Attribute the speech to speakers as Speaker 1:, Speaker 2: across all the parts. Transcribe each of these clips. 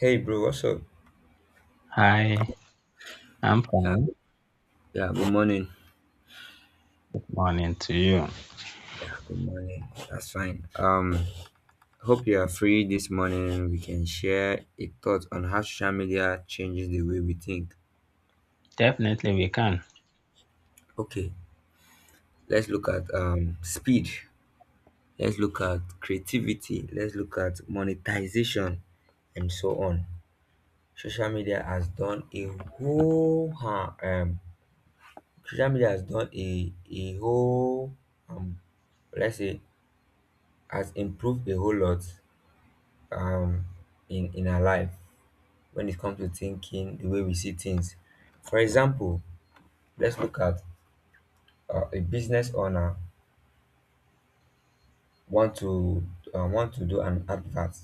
Speaker 1: Hey bro, what's up?
Speaker 2: Hi, I'm
Speaker 1: Yeah,
Speaker 2: fine.
Speaker 1: good- yeah, good morning.
Speaker 2: Morning to you.
Speaker 1: Yeah, good morning. That's fine. Hope you are free this morning. We can share a thought on how social media changes the way we think.
Speaker 2: Definitely we can.
Speaker 1: Okay, let's look at speed. Let's look at creativity. Let's look at monetization, and so on. Social media has done a whole. Social media has done a whole um. Let's say has improved a whole lot um in our life when it comes to thinking the way we see things. For example, let's look at a business owner want to want to do an advert,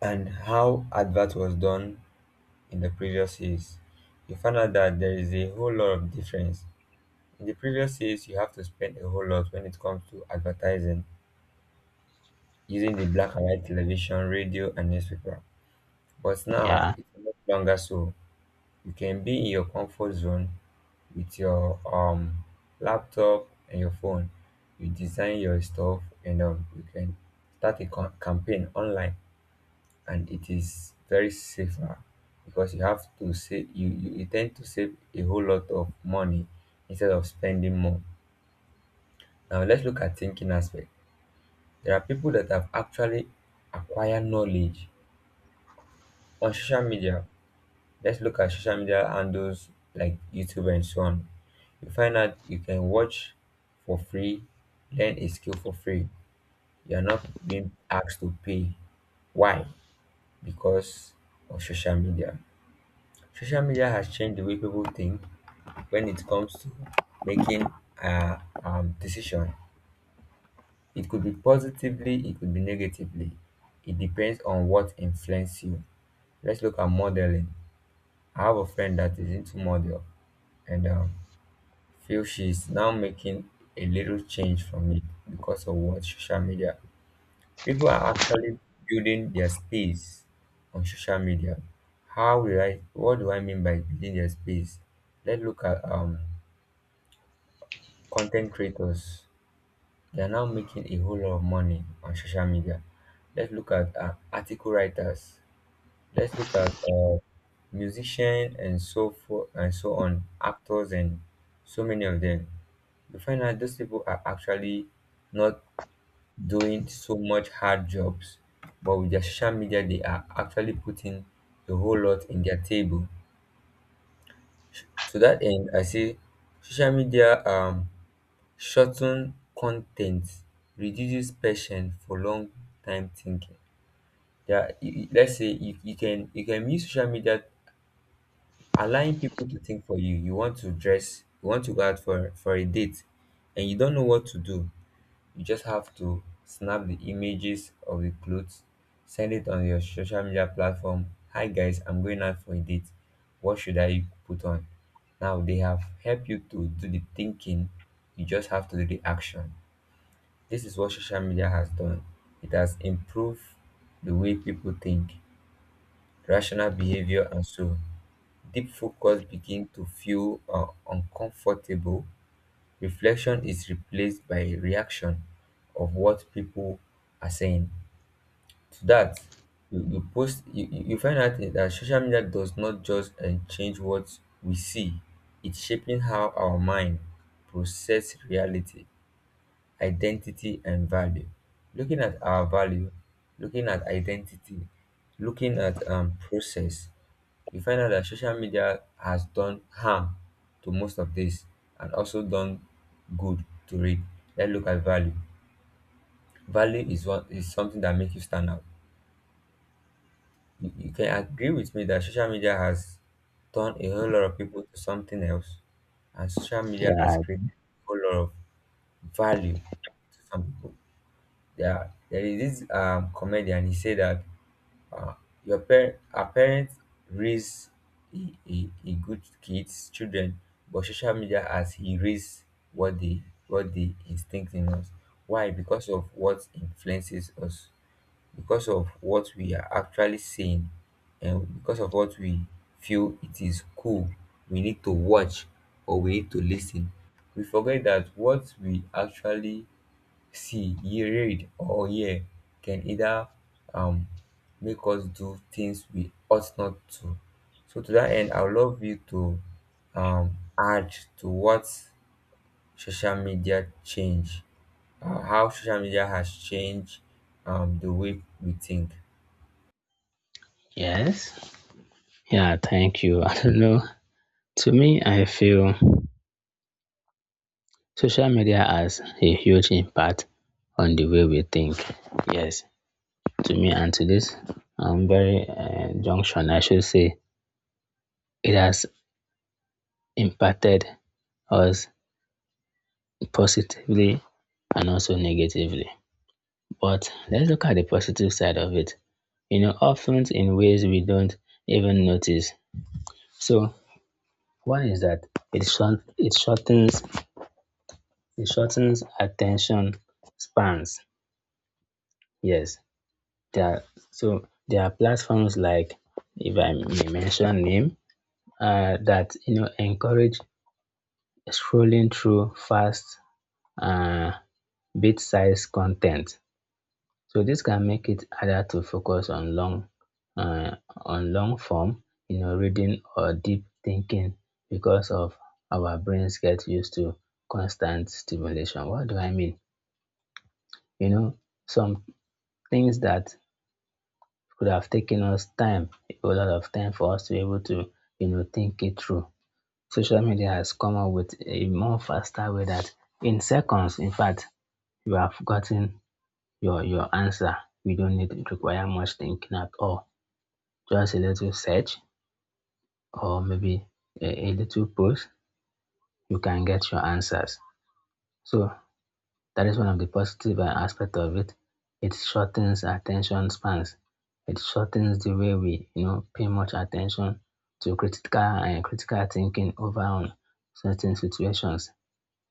Speaker 1: and how advert was done in the previous years. You find out that there is a whole lot of difference. In the previous years you have to spend a whole lot when it comes to advertising, using the black and white television, radio and newspaper, but now
Speaker 2: Yeah,
Speaker 1: it's no longer so. You can be in your comfort zone with your laptop and your phone. You design your stuff and you can start a campaign online, and it is very safer because you tend to save a whole lot of money instead of spending more. Now let's look at thinking aspect. There are people that have actually acquired knowledge on social media. Let's look at social media handles like YouTube and so on. You find out you can watch for free, learn a skill for free. You're not being asked to pay. Why? Because of social media. Social media has changed the way people think when it comes to making a decision. It could be positively, it could be negatively. It depends on what influences you. Let's look at modeling. I have a friend that is into model, and feel she is now making a little change from it because of what social media. People are actually building their space on social media. How will I? What do I mean by building their space? Let's look at content creators. They are now making a whole lot of money on social media. Let's look at article writers. Let's look at musicians and so forth and so on, actors and so many of them. You find out those people are actually not doing so much hard jobs, but with their social media, they are actually putting a whole lot in their table. To that end, I say social media shorten content, reduces patience for long time thinking. There, are- you- you- Let's say you can use social media, allowing people to think for you. You want to dress, you want to go out for a date, and you don't know what to do. You just have to snap the images of the clothes, send it on your social media platform. Hi guys, I'm going out for a date, what should I put on? Now they have helped you to do the thinking. You just have to do the action. This is what social media has done. It has improved the way people think, rational behavior and so, deep focus begins to feel uncomfortable, reflection is replaced by reaction of what people are saying. To that, you post you, you you find out that social media does not just change what we see, it's shaping how our mind process reality, identity and value. Looking at our value, looking at identity, looking at process, we find out that social media has done harm to most of this and also done good to it. Let's look at value. Value is what is something that makes you stand out. You can agree with me that social media has turned a whole lot of people to something else, and social media has
Speaker 2: yeah,
Speaker 1: created a whole lot of value to some people. There is this comedian. He said that Ah, your parent, our parents raise a, a good kids, children, but social media has erased what they what they instinct in us. Why? Because of what influences us, because of what we are actually seeing, and because of what we feel it is cool. We need to watch or we need to listen. We forget that what we actually see, ye read or hear can either um make us do things we ought not to. So to that end, I would love you to add to what social media change, how social media has changed the way we think.
Speaker 2: yes. Yeah, thank you. I don't know. To me, I feel social media has a huge impact on the way we think. Yes, to me, and to this very junction, I should say, it has impacted us positively and also negatively. But let's look at the positive side of it, you know, often in ways we don't even notice. So, one is that it short, it shortens it shortens attention spans. Yes, there are, there are platforms like, if I may mention name, that you know encourage scrolling through fast, uh, bit-sized content. So this can make it harder to focus on long form, you know, reading or deep thinking because of our brains get used to constant stimulation. What do I mean? You know, some things that could have taken us time, a lot of time for us to be able to, you know, think it through. Social media has come up with a more faster way that in seconds, in fact, you have gotten your answer. We don't need to require much thinking at all. Just a little search, or maybe a little post, you can get your answers. So that is one of the positive aspect of it. It shortens attention spans. It shortens the way we, you know, pay much attention to critical and critical thinking over on certain situations.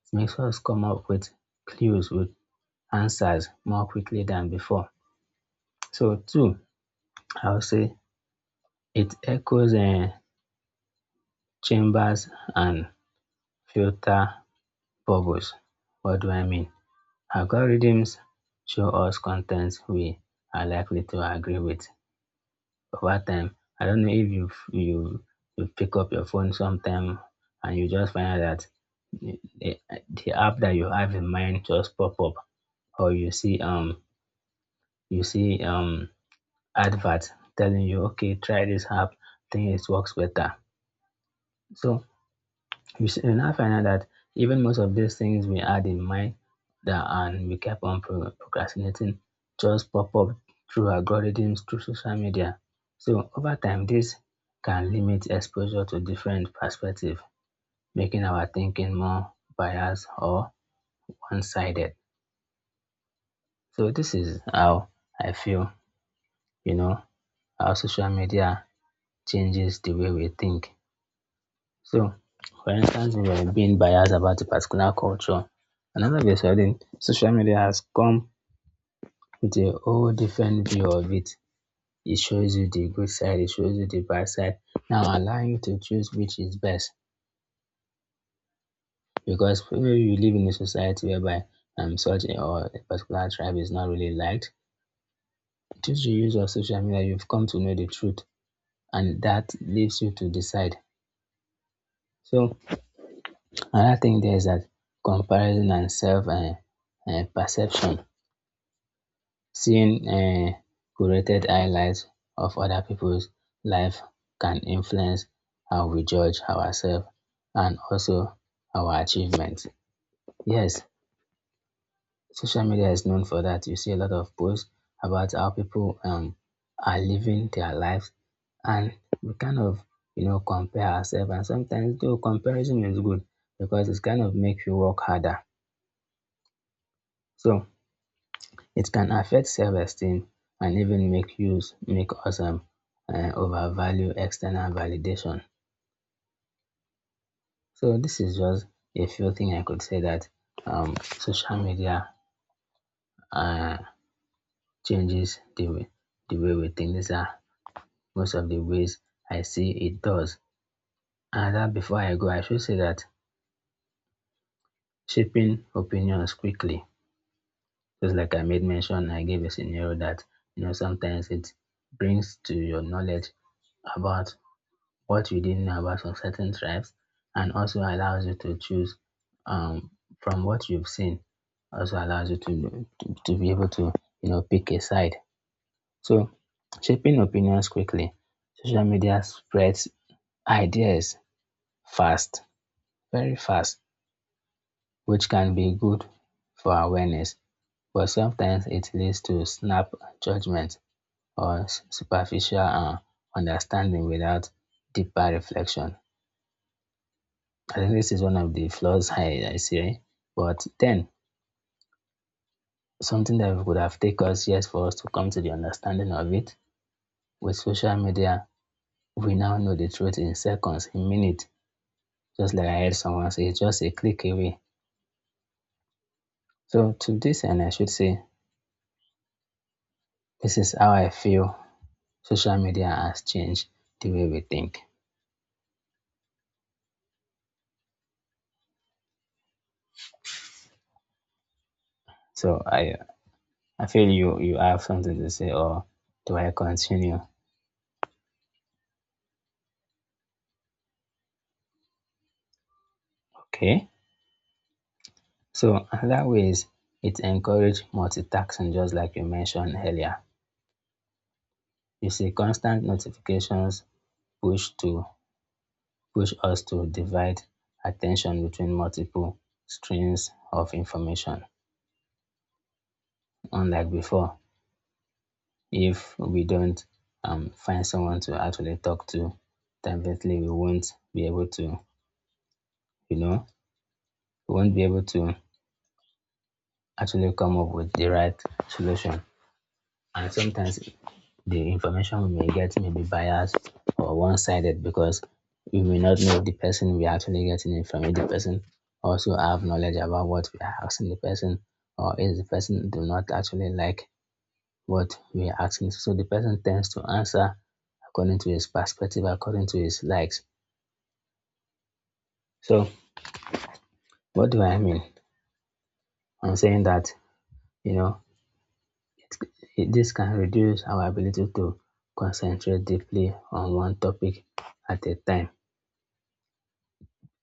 Speaker 2: It makes us come up with clues, with answers more quickly than before. So two, I would say it echoes, Chambers and Filter bogus. What do I mean? Algorithms show us content we are likely to agree with over time. I don't know if you you pick up your phone sometime, and you just find out that the, the app that you have in mind just pop up, or you see advert telling you, okay, try this app, I think it works better. So you now find out that even most of these things we had in mind that, and we kept on procrastinating, just pop up through algorithms, through social media. So over time, this can limit exposure to different perspectives, making our thinking more biased or one-sided. So this is how I feel, you know, how social media changes the way we think. So, for instance, we are being biased about a particular culture. Another way is wherein social media has come with a whole different view of it. It shows you the good side, it shows you the bad side. Now, allowing you to choose which is best, because maybe you live in a society whereby such or a particular tribe is not really liked. Through the use of social media, you've come to know the truth, and that leaves you to decide. So, another thing there is that comparison and self perception. Seeing curated highlights of other people's life can influence how we judge ourselves and also our achievements. Yes, social media is known for that. You see a lot of posts about how people are living their lives, and we kind of, you know, compare ourselves, and sometimes though comparison is good because it's kind of make you work harder. So it can affect self-esteem and even make us, overvalue external validation. So this is just a few things I could say that, social media, uh, changes the way we think. These are most of the ways I see it does. And that before I go, I should say that shaping opinions quickly. Just like I made mention, I gave a scenario that, you know, sometimes it brings to your knowledge about what you didn't know about some certain tribes, and also allows you to choose, um, from what you've seen, also allows you to be able to, you know, pick a side. So, shaping opinions quickly, social media spreads ideas fast, very fast, which can be good for awareness, but sometimes it leads to snap judgment or superficial, understanding without deeper reflection. I think this is one of the flaws I see. Right? But then, something that would have taken us years for us to come to the understanding of it, with social media, we now know the truth in seconds, in minutes, just like I heard someone say, it's just a click away. So, to this end, I should say, this is how I feel social media has changed the way we think. So, I feel you have something to say, or do I continue? Okay. So another way is it encourage multitasking, just like you mentioned earlier. You see constant notifications push to push us to divide attention between multiple streams of information. Unlike before, if we don't, find someone to actually talk to, definitely we won't be able to, you know, we won't be able to actually come up with the right solution. And sometimes the information we may get may be biased or one-sided, because we may not know the person we're actually getting it from. If the person also have knowledge about what we are asking the person, or if the person do not actually like what we are asking, so the person tends to answer according to his perspective, according to his likes. So, what do I mean? I'm saying that, you know, this can reduce our ability to concentrate deeply on one topic at a time,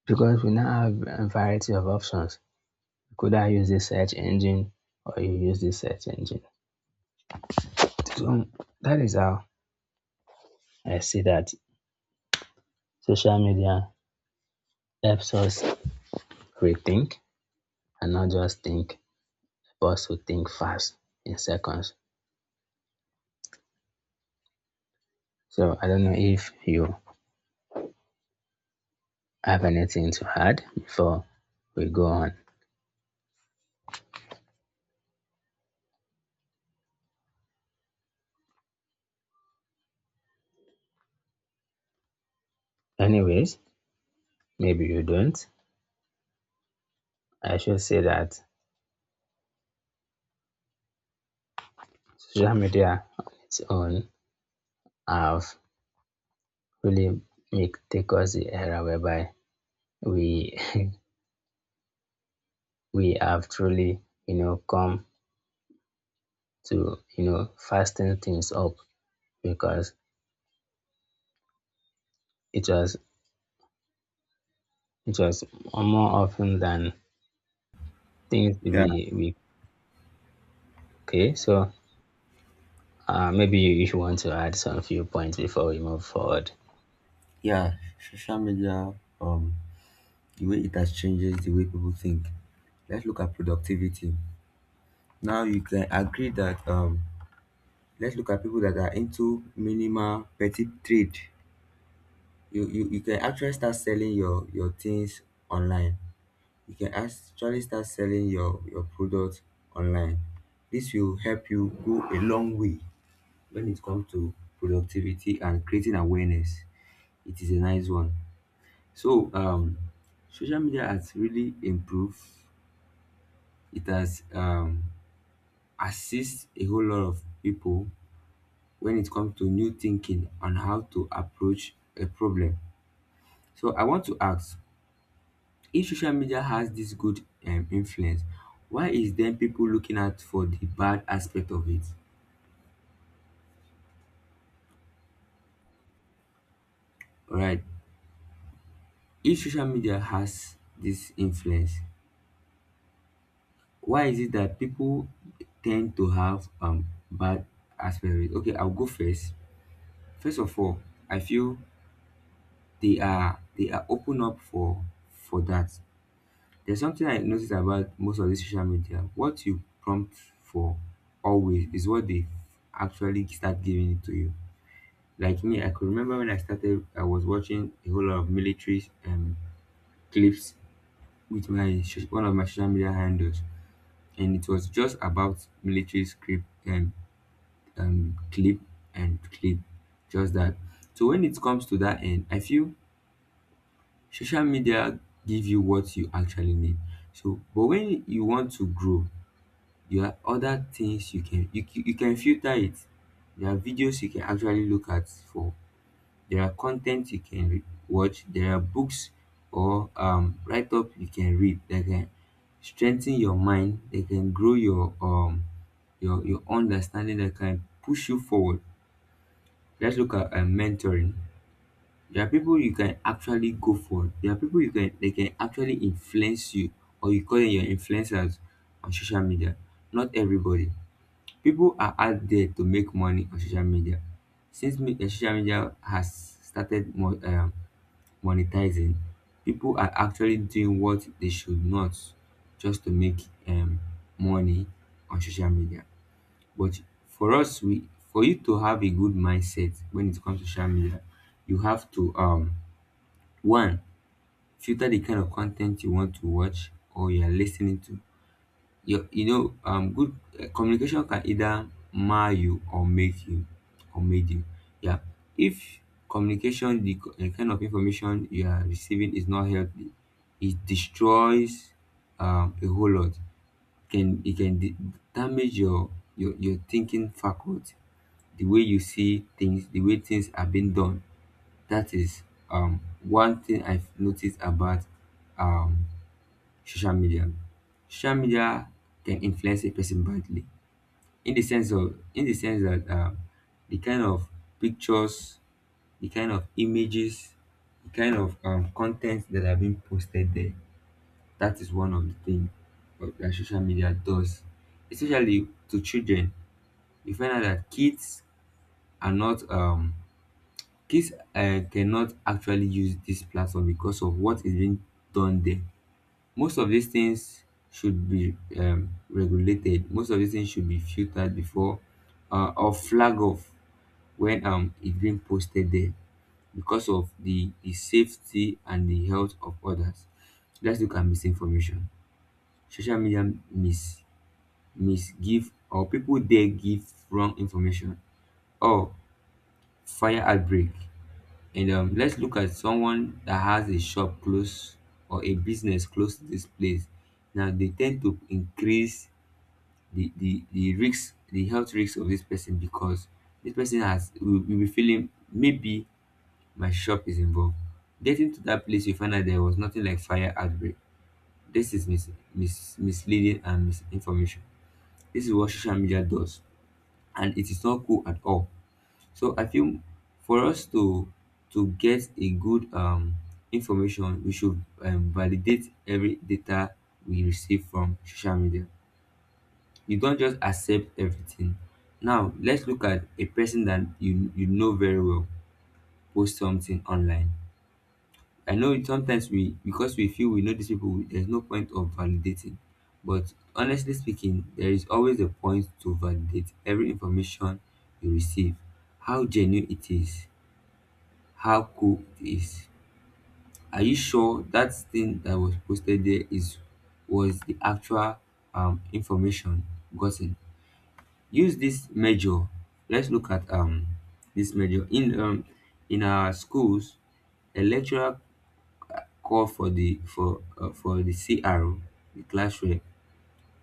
Speaker 2: because we now have a variety of options. You could either use this search engine, or you use this search engine. So that is how I see that social media helps us rethink and not just think, but also think fast in seconds. So I don't know if you have anything to add before we go on. Anyways, maybe you don't. I should say that social media on its own have really make take us the era whereby we we have truly, you know, come to, you know, fasten things up, because it was it was more often than things
Speaker 1: Yeah,
Speaker 2: we, okay, so, maybe you want to add some few points before we move forward.
Speaker 1: yeah. Social media, um, the way it has changed the way people think. Let's look at productivity. Now you can agree that let's look at people that are into minimal petit trade. You can actually start selling your things online. You can actually start selling your product online. This will help you go a long way when it comes to productivity and creating awareness. It is a nice one. So social media has really improved. It has assist a whole lot of people when it comes to new thinking on how to approach a problem. So I want to ask, if social media has this good influence, why is then people looking out for the bad aspect of it? All right, if social media has this influence, why is it that people tend to have bad aspect of it? Okay, I'll go first. First of all, I feel they are open up for that. There's something I notice about most of these social media. What you prompt for always is what they actually start giving it to you. Like me, I could remember when I started, I was watching a whole lot of military clips with my one of my social media handles, and it was just about military script and clip and clip, just that. So when it comes to that end, I feel social media give you what you actually need. So, but when you want to grow, there are other things you can you can filter it. There are videos you can actually look at for. There are content you can watch. There are books or write up you can read that can strengthen your mind. They can grow your understanding. That can push you forward. Let's look at mentoring. There are people you can actually go for. There are people you can they can actually influence you, or you call them your influencers on social media. Not everybody. People are out there to make money on social media. Since social media has started monetizing, people are actually doing what they should not just to make money on social media. But for us, we for you to have a good mindset when it comes to social media, you have to one filter the kind of content you want to watch or you are listening to. You know good communication can either mar you or make you or made you. Yeah. If communication the kind of information you are receiving is not healthy, it destroys a whole lot. Can it can damage your, your thinking faculty, the way you see things, the way things are being done. That is one thing I've noticed about um social media. Social media can influence a person badly in the sense that the kind of pictures, the kind of images, the kind of content that are being posted there. That is one of the things that social media does, especially to children. You find out that kids are not kids cannot actually use this platform because of what is being done there. Most of these things should be regulated, most of these things should be filtered before or flag off when it's being posted there, because of the safety and the health of others. Let's look at misinformation. Social media misgive, or people there give wrong information or fire outbreak. And let's look at someone that has a shop close or a business close to this place. Now they tend to increase the the risk, the health risk of this person, because this person will be feeling, maybe my shop is involved. Getting to that place, you find out there was nothing like fire outbreak. This is misleading and misinformation. This is what social media does, and it is not cool at all. So I feel, for us to get a good information, we should validate every data we receive from social media. You don't just accept everything. Now, let's look at a person that you know very well post something online. I know sometimes we because we feel we know these people, there's no point of validating. But honestly speaking, there is always a point to validate every information you receive. How genuine it is, how cool it is. Are you sure that thing that was posted there is was the actual information gotten? Use this measure. Let's look at this measure in our schools. A lecturer call for the cro the class rep,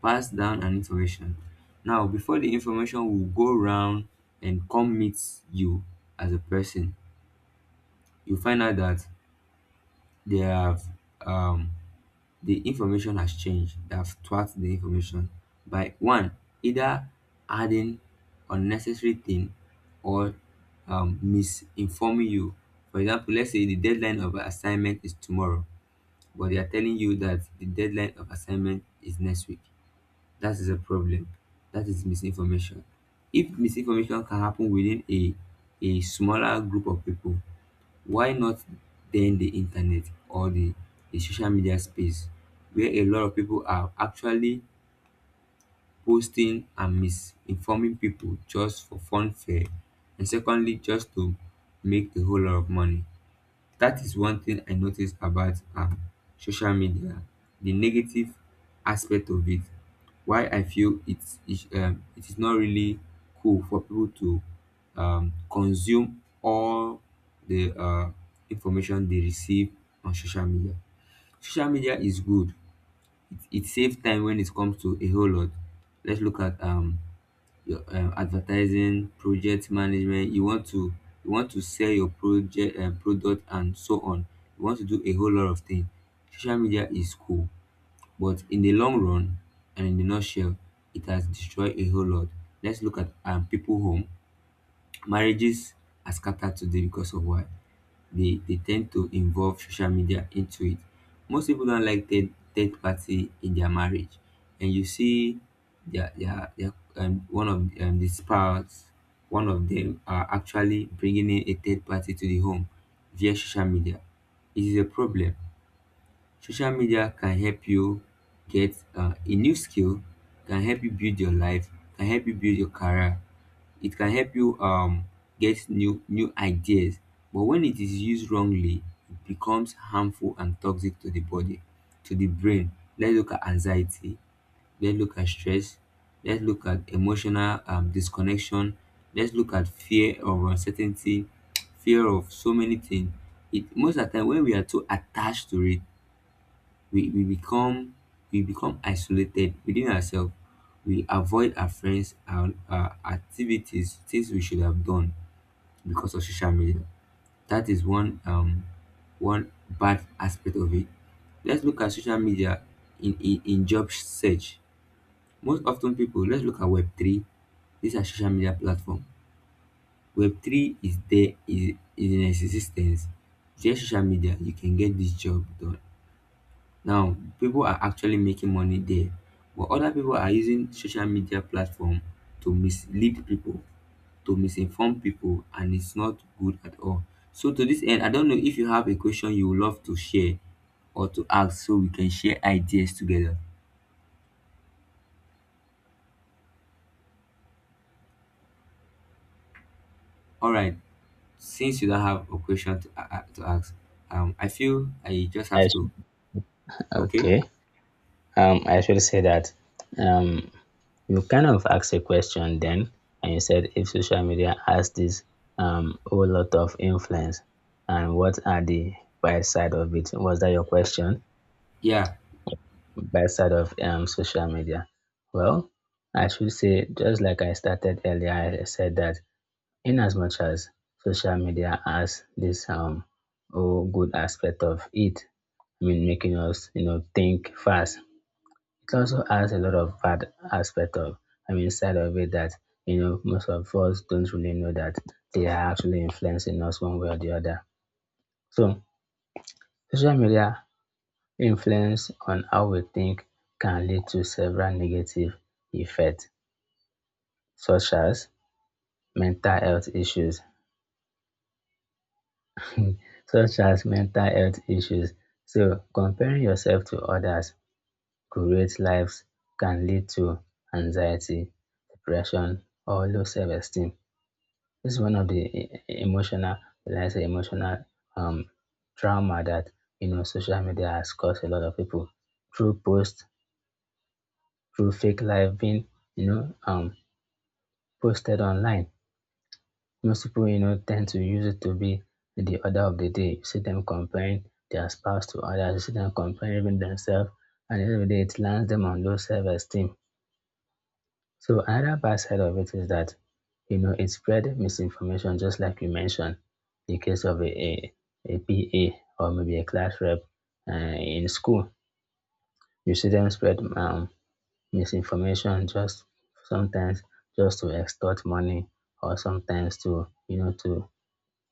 Speaker 1: pass down an information. Now before the information will go round and come meet you as a person, you find out that they have um the information has changed. They have twat the information by one, either adding unnecessary thing or misinforming you. For example, let's say the deadline of an assignment is tomorrow, but they are telling you that the deadline of assignment is next week. That is a problem. That is misinformation. If misinformation can happen within a smaller group of people, why not then the internet or the social media space where a lot of people are actually posting and misinforming people just for fun fair, and secondly just to make a whole lot of money. That is one thing I notice about social media, the negative aspect of it, why I feel it is not really cool for people to consume all the information they receive on social media. Social media is good. It saves time when it comes to a whole lot. Let's look at your advertising, project management. You want to sell your project product and so on. You want to do a whole lot of things. Social media is cool, but in the long run and in the nutshell, it has destroyed a whole lot. Let's look at people home. Marriages are scattered today because of why? They tend to involve social media into it. Most people don't like third party in their marriage, and you see, one of the spouses, one of them are actually bringing in a third party to the home via social media. It is a problem. Social media can help you get a new skill, can help you build your life, can help you build your career. It can help you get new ideas. But when it is used wrongly, it becomes harmful and toxic to the body, to the brain. Let's look at anxiety. Let's look at stress. Let's look at emotional disconnection. Let's look at fear of uncertainty, fear of so many things. It most of the time when we are too attached to it, we, we become we become isolated within ourselves. We avoid our friends and our activities, things we should have done because of social media. That is one bad aspect of it. Let's look at social media in job search. Most often people, let's look at web3. These are social media platform. Web3 is in existence. Via social media you can get this job done. Now, people are actually making money there, but other people are using social media platform to mislead people, to misinform people, and it's not good at all. So to this end, I don't know if you have a question you would love to share or to ask so we can share ideas together. All right, since you don't have a question to ask, I feel I just have
Speaker 2: Yes.
Speaker 1: to. Okay.
Speaker 2: Okay. I actually say that, um, you kind of asked a question then, and you said, if social media has this, whole lot of influence, and what are the bad side of it? Was that your question?
Speaker 1: Yeah.
Speaker 2: Bad side of social media. Well, I should say, just like I started earlier, I said that, in as much as social media has this, whole good aspect of it, I mean, making us, you know, think fast, it also has a lot of bad aspect of I mean side of it, that you know most of us don't really know that they are actually influencing us one way or the other. So social media influence on how we think can lead to several negative effects, such as mental health issues. Such as mental health issues. So comparing yourself to others creates lives can lead to anxiety, depression, or low self-esteem. This is one of the emotional, when I say emotional, um, trauma that, you know, social media has caused a lot of people, through posts, through fake life being, you know, posted online. Most people, you know, tend to use it to be the order of the day. You see them comparing their spouse to others. You see them comparing even themselves, and every day it lands them on low self-esteem. So another bad side of it is that, you know, it spread misinformation, just like you mentioned, the case of a PA, or maybe a class rep, in school. You see them spread, misinformation, just sometimes, just to extort money, or sometimes to, you know, to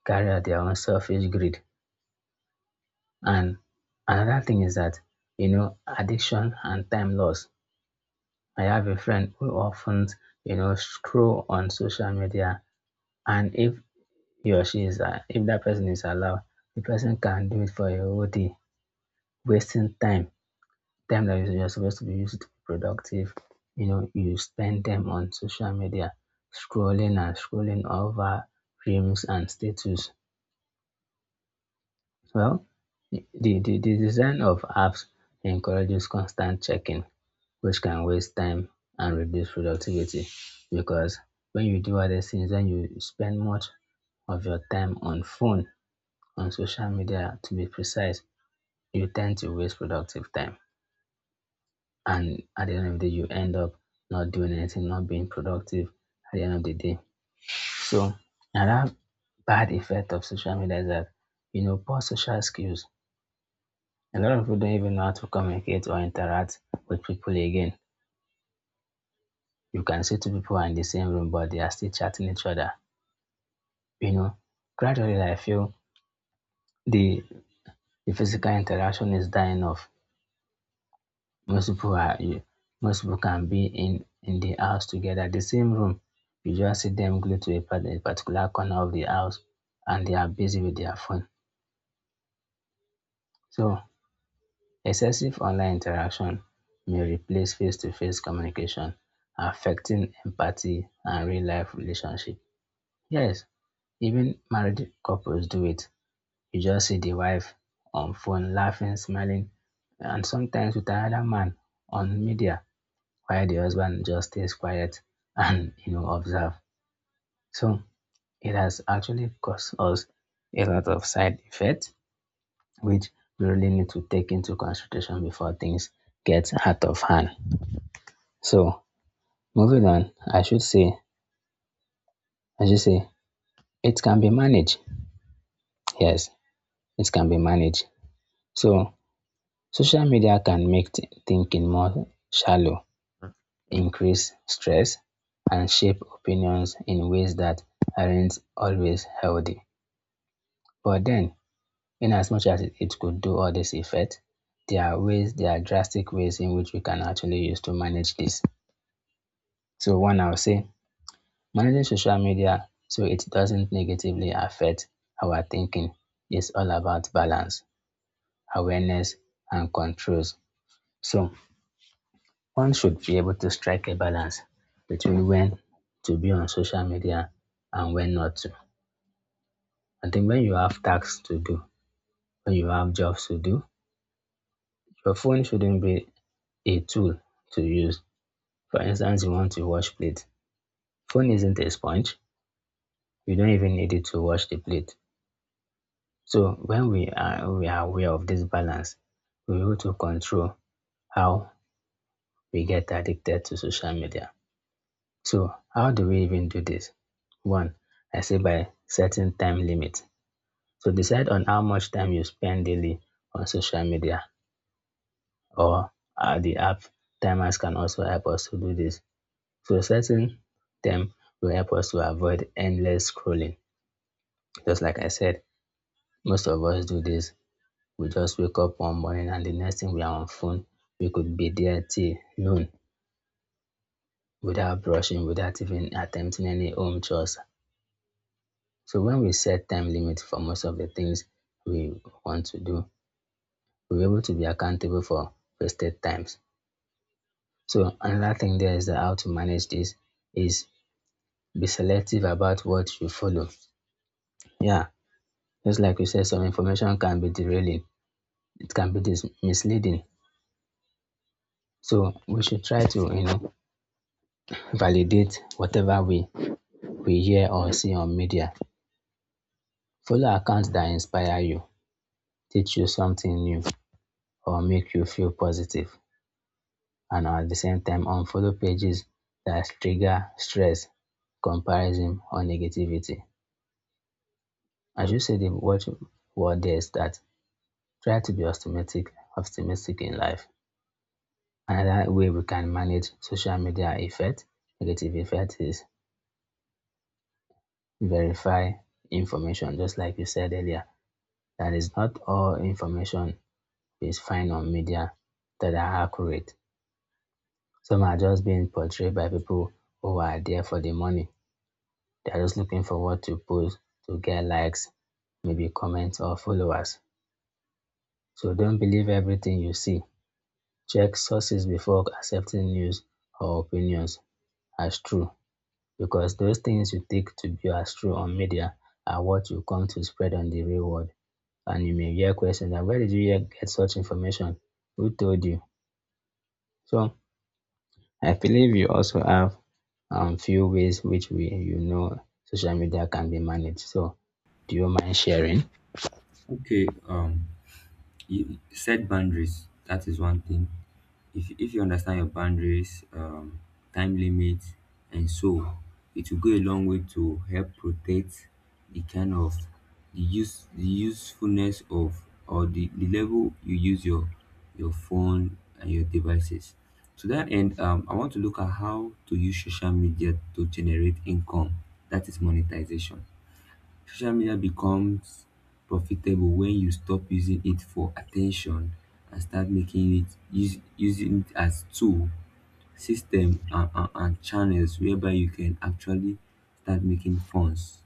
Speaker 2: carry out their own selfish greed. And another thing is that, you know, addiction and time loss. I have a friend who often, you know, scroll on social media, and if he or she is, if that person is allowed, the person can do it for a whole day, wasting time, time that you're supposed to be used to be productive. You know, you spend them on social media, scrolling and scrolling over reels and status. Well, the, the design of apps encourages constant checking, which can waste time and reduce productivity, because when you do other things, then you spend much of your time on phone, on social media, to be precise, you tend to waste productive time. And at the end of the day, you end up not doing anything, not being productive at the end of the day. So another bad effect of social media is that, you know, poor social skills. A lot of people don't even know how to communicate or interact with people again. You can see two people are in the same room, but they are still chatting each other. You know, gradually I feel the the physical interaction is dying off. most people are you most people can be in the house together the same room. You just see them glued to a, a particular corner of the house, and they are busy with their phone. So excessive online interaction may replace face-to-face communication, affecting empathy and real-life relationship. Yes, even married couples do it. You just see the wife on phone laughing, smiling, and sometimes with another man on media, while the husband just stays quiet and, you know, observe. So it has actually caused us a lot of side effects, which we really need to take into consideration before things get out of hand. So moving on, I should say, it can be managed. Yes, it can be managed. So social media can make thinking more shallow, increase stress, and shape opinions in ways that aren't always healthy. But then, in as much as it could do all this effect, there are drastic ways in which we can actually use to manage this. So one, I'll say managing social media so it doesn't negatively affect our thinking is all about balance, awareness, and controls. So one should be able to strike a balance between when to be on social media and when not to. I think when you have tasks to do, when you have jobs to do, your phone shouldn't be a tool to use. For instance, you want to wash plate. Phone isn't a sponge. You don't even need it to wash the plate. So we are aware of this balance, we able to control how we get addicted to social media. So how do we even do this? One, I say by setting time limit. So decide on how much time you spend daily on social media or the app timers can also help us to do this. Processing them will help us to avoid endless scrolling. Just like I said, most of us do this. We just wake up one morning and the next thing we are on phone. We could be there till noon without brushing, without even attempting any home chores. So when we set time limits for most of the things we want to do, we're able to be accountable for wasted times. So another thing there is that how to manage this is be selective about what you follow. Yeah, just like you said, some information can be derailing. It can be misleading. So we should try to, you know, validate whatever we hear or see on media. Follow accounts that inspire you, teach you something new, or make you feel positive. And at the same time, unfollow pages that trigger stress, comparison, or negativity. I should say the watch word there is that try to be optimistic in life. Another way we can manage social media effect, negative effect is verify information, just like you said earlier, that is not all information is found on media that are accurate. Some are just being portrayed by people who are there for the money. They are just looking for what to post to get likes, maybe comments or followers. So don't believe everything you see. Check sources before accepting news or opinions as true. Because those things you take to be as true on media are what you come to spread on the real world. And you may hear questions like, where did you get such information? Who told you? So I believe you also have few ways which we, you know, social media can be managed. So do you mind sharing?
Speaker 1: Okay. You set boundaries, that is one thing. If you understand your boundaries, time limits and so, it will go a long way to help protect the kind of the usefulness of the level you use your phone and your devices. To that end, I want to look at how to use social media to generate income, that is monetization. Social media becomes profitable when you stop using it for attention and start using it as tool, system and, and channels whereby you can actually start making funds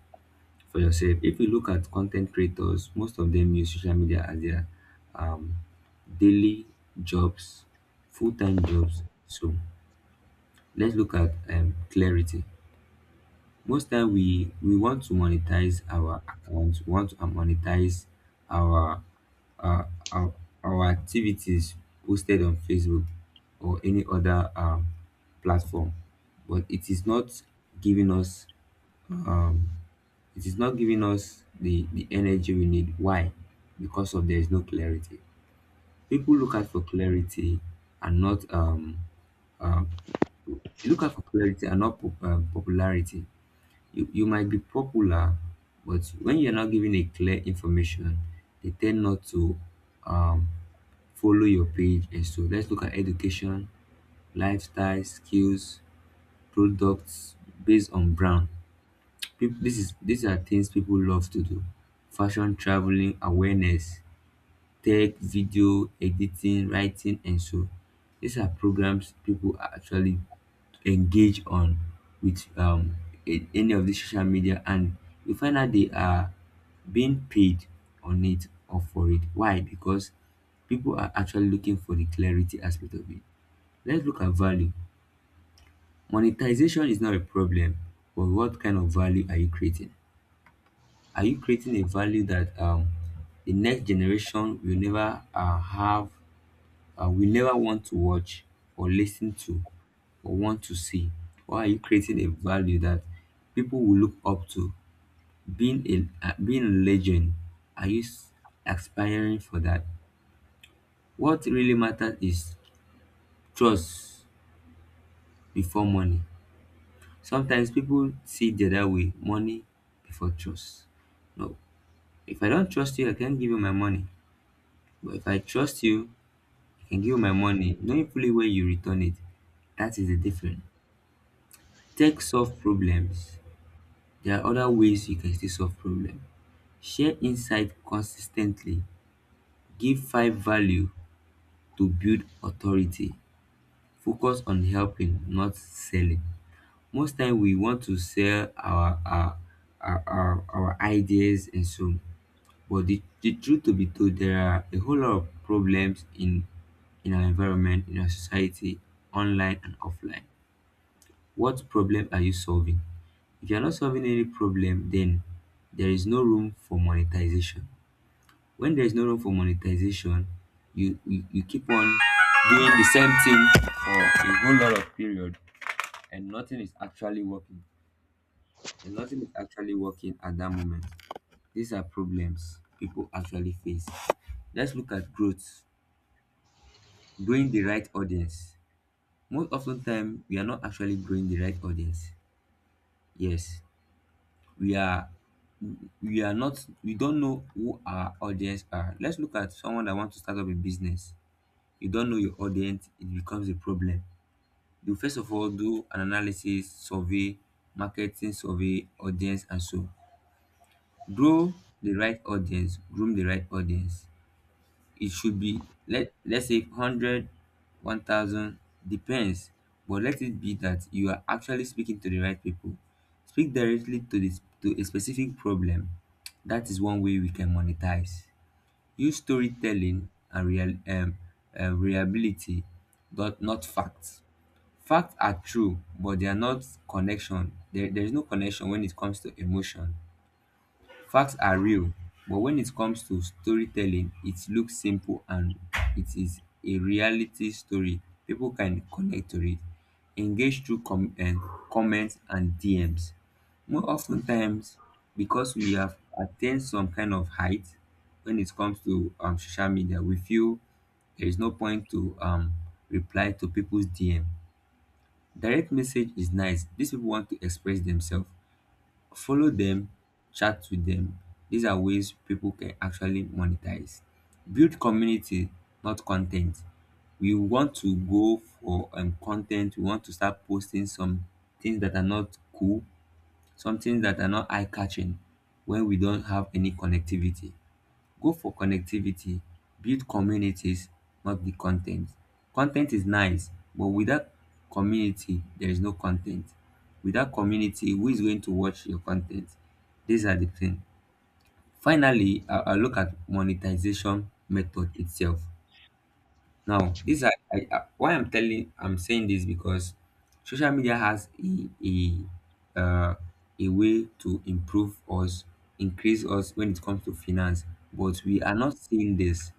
Speaker 1: for yourself. If you look at content creators, most of them use social media as their um, daily jobs, full-time jobs. So let's look at clarity. Most time we want to monetize our account, we want to monetize our uh, our, our activities posted on Facebook or any other platform, but it is not giving us um, it is not giving us the energy we need. Why? Because of there is no clarity. People look out for clarity and not um they look out for clarity and not popularity. You might be popular, but when you're not given a clear information, they tend not to um, follow your page. And so let's look at education, lifestyle skills, products based on brand. Peop- this is these are things people love to do: fashion, traveling, awareness, tech, video editing, writing, and so. These are programs people actually engage on with any of the social media, and you find out they are being paid on it or for it. Why? Because people are actually looking for the clarity aspect of it. Let's look at value. Monetization is not a problem, but what kind of value are you creating? Are you creating a value that the next generation will never have will never want to watch or listen to or want to see? Or are you creating a value that people will look up to? Being a legend, are you aspiring for that? What really matters is trust before money. Sometimes people see it the other way: money before trust. No, if I don't trust you, I can't give you my money. But if I trust you, I can give you my money, knowing fully where you return it. That is the difference. Tech solve problems. There are other ways you can still solve problem. Share insight consistently. Give five value to build authority. Focus on helping, not selling. Most time we want to sell our ideas and so, but the truth to be told, there are a whole lot of problems in our environment, in our society, online and offline. What problem are you solving? If you're not solving any problem, then there is no room for monetization. When there is no room for monetization, you keep on doing the same thing for a whole lot of period and nothing is actually working. And nothing is actually working at that moment. These are problems people actually face. Let's look at growth. Growing the right audience. Most often time we are not actually growing the right audience. Yes, we are we are not we don't know who our audience are. Let's look at someone that wants to start up a business. You don't know your audience, it becomes a problem. You first of all do an analysis, survey, marketing survey, audience and so. Grow the right audience, groom the right audience. It should be, let's say 100, 1,000, depends, but let it be that you are actually speaking to the right people. Speak directly to this, to a specific problem. That is one way we can monetize. Use storytelling and real reliability, but not facts. Facts are true, but they are not connection. There is no connection when it comes to emotion. Facts are real, but when it comes to storytelling, it looks simple and it is a reality story people can connect to it, engage through comments and DMs. More often times, because we have attained some kind of height when it comes to social media, we feel there is no point to reply to people's DM. Direct message is nice. These people want to express themselves, follow them, chat with them. These are ways people can actually monetize. Build community, not content. We want to go for content, we want to start posting some things that are not cool, some things that are not eye catching when we don't have any connectivity. Go for connectivity, build communities, not the content. Content is nice, but without community there is no content. Without community who is going to watch your content? These are the things. Finally, I look at monetization method itself. Now, this I- why I'm saying this, because social media has uh, a way to improve us, increase us when it comes to finance, but we are not seeing this.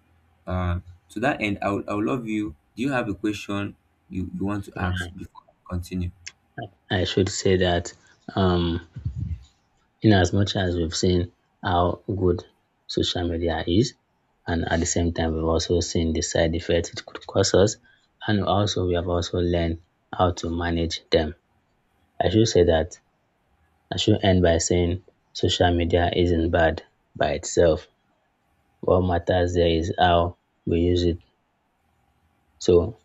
Speaker 1: Uh, to that end, I would love you. Do you have a question you want to
Speaker 2: Yeah,
Speaker 1: ask before I continue?
Speaker 2: I should say that um in as much as we've seen how good social media is, and at the same time, we've also seen the side effects it could cause us, and also we have also learned how to manage them. I should say that I should end by saying social media isn't bad by itself. What matters there is how we use it. So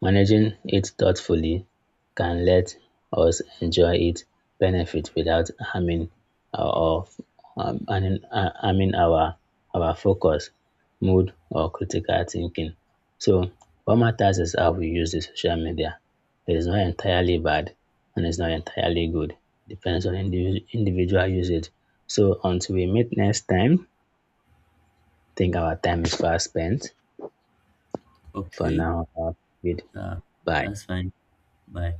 Speaker 2: managing it thoughtfully can let us enjoy its benefit without harming our harming our focus, mood, or critical thinking. So what matters is how we use the social media. It is not entirely bad and it's not entirely good. Depends on individual usage. So until we meet next time, I think our time is fast spent. For
Speaker 1: Okay,
Speaker 2: now, I'll bid
Speaker 1: uh,
Speaker 2: bye.
Speaker 1: that's fine. Bye.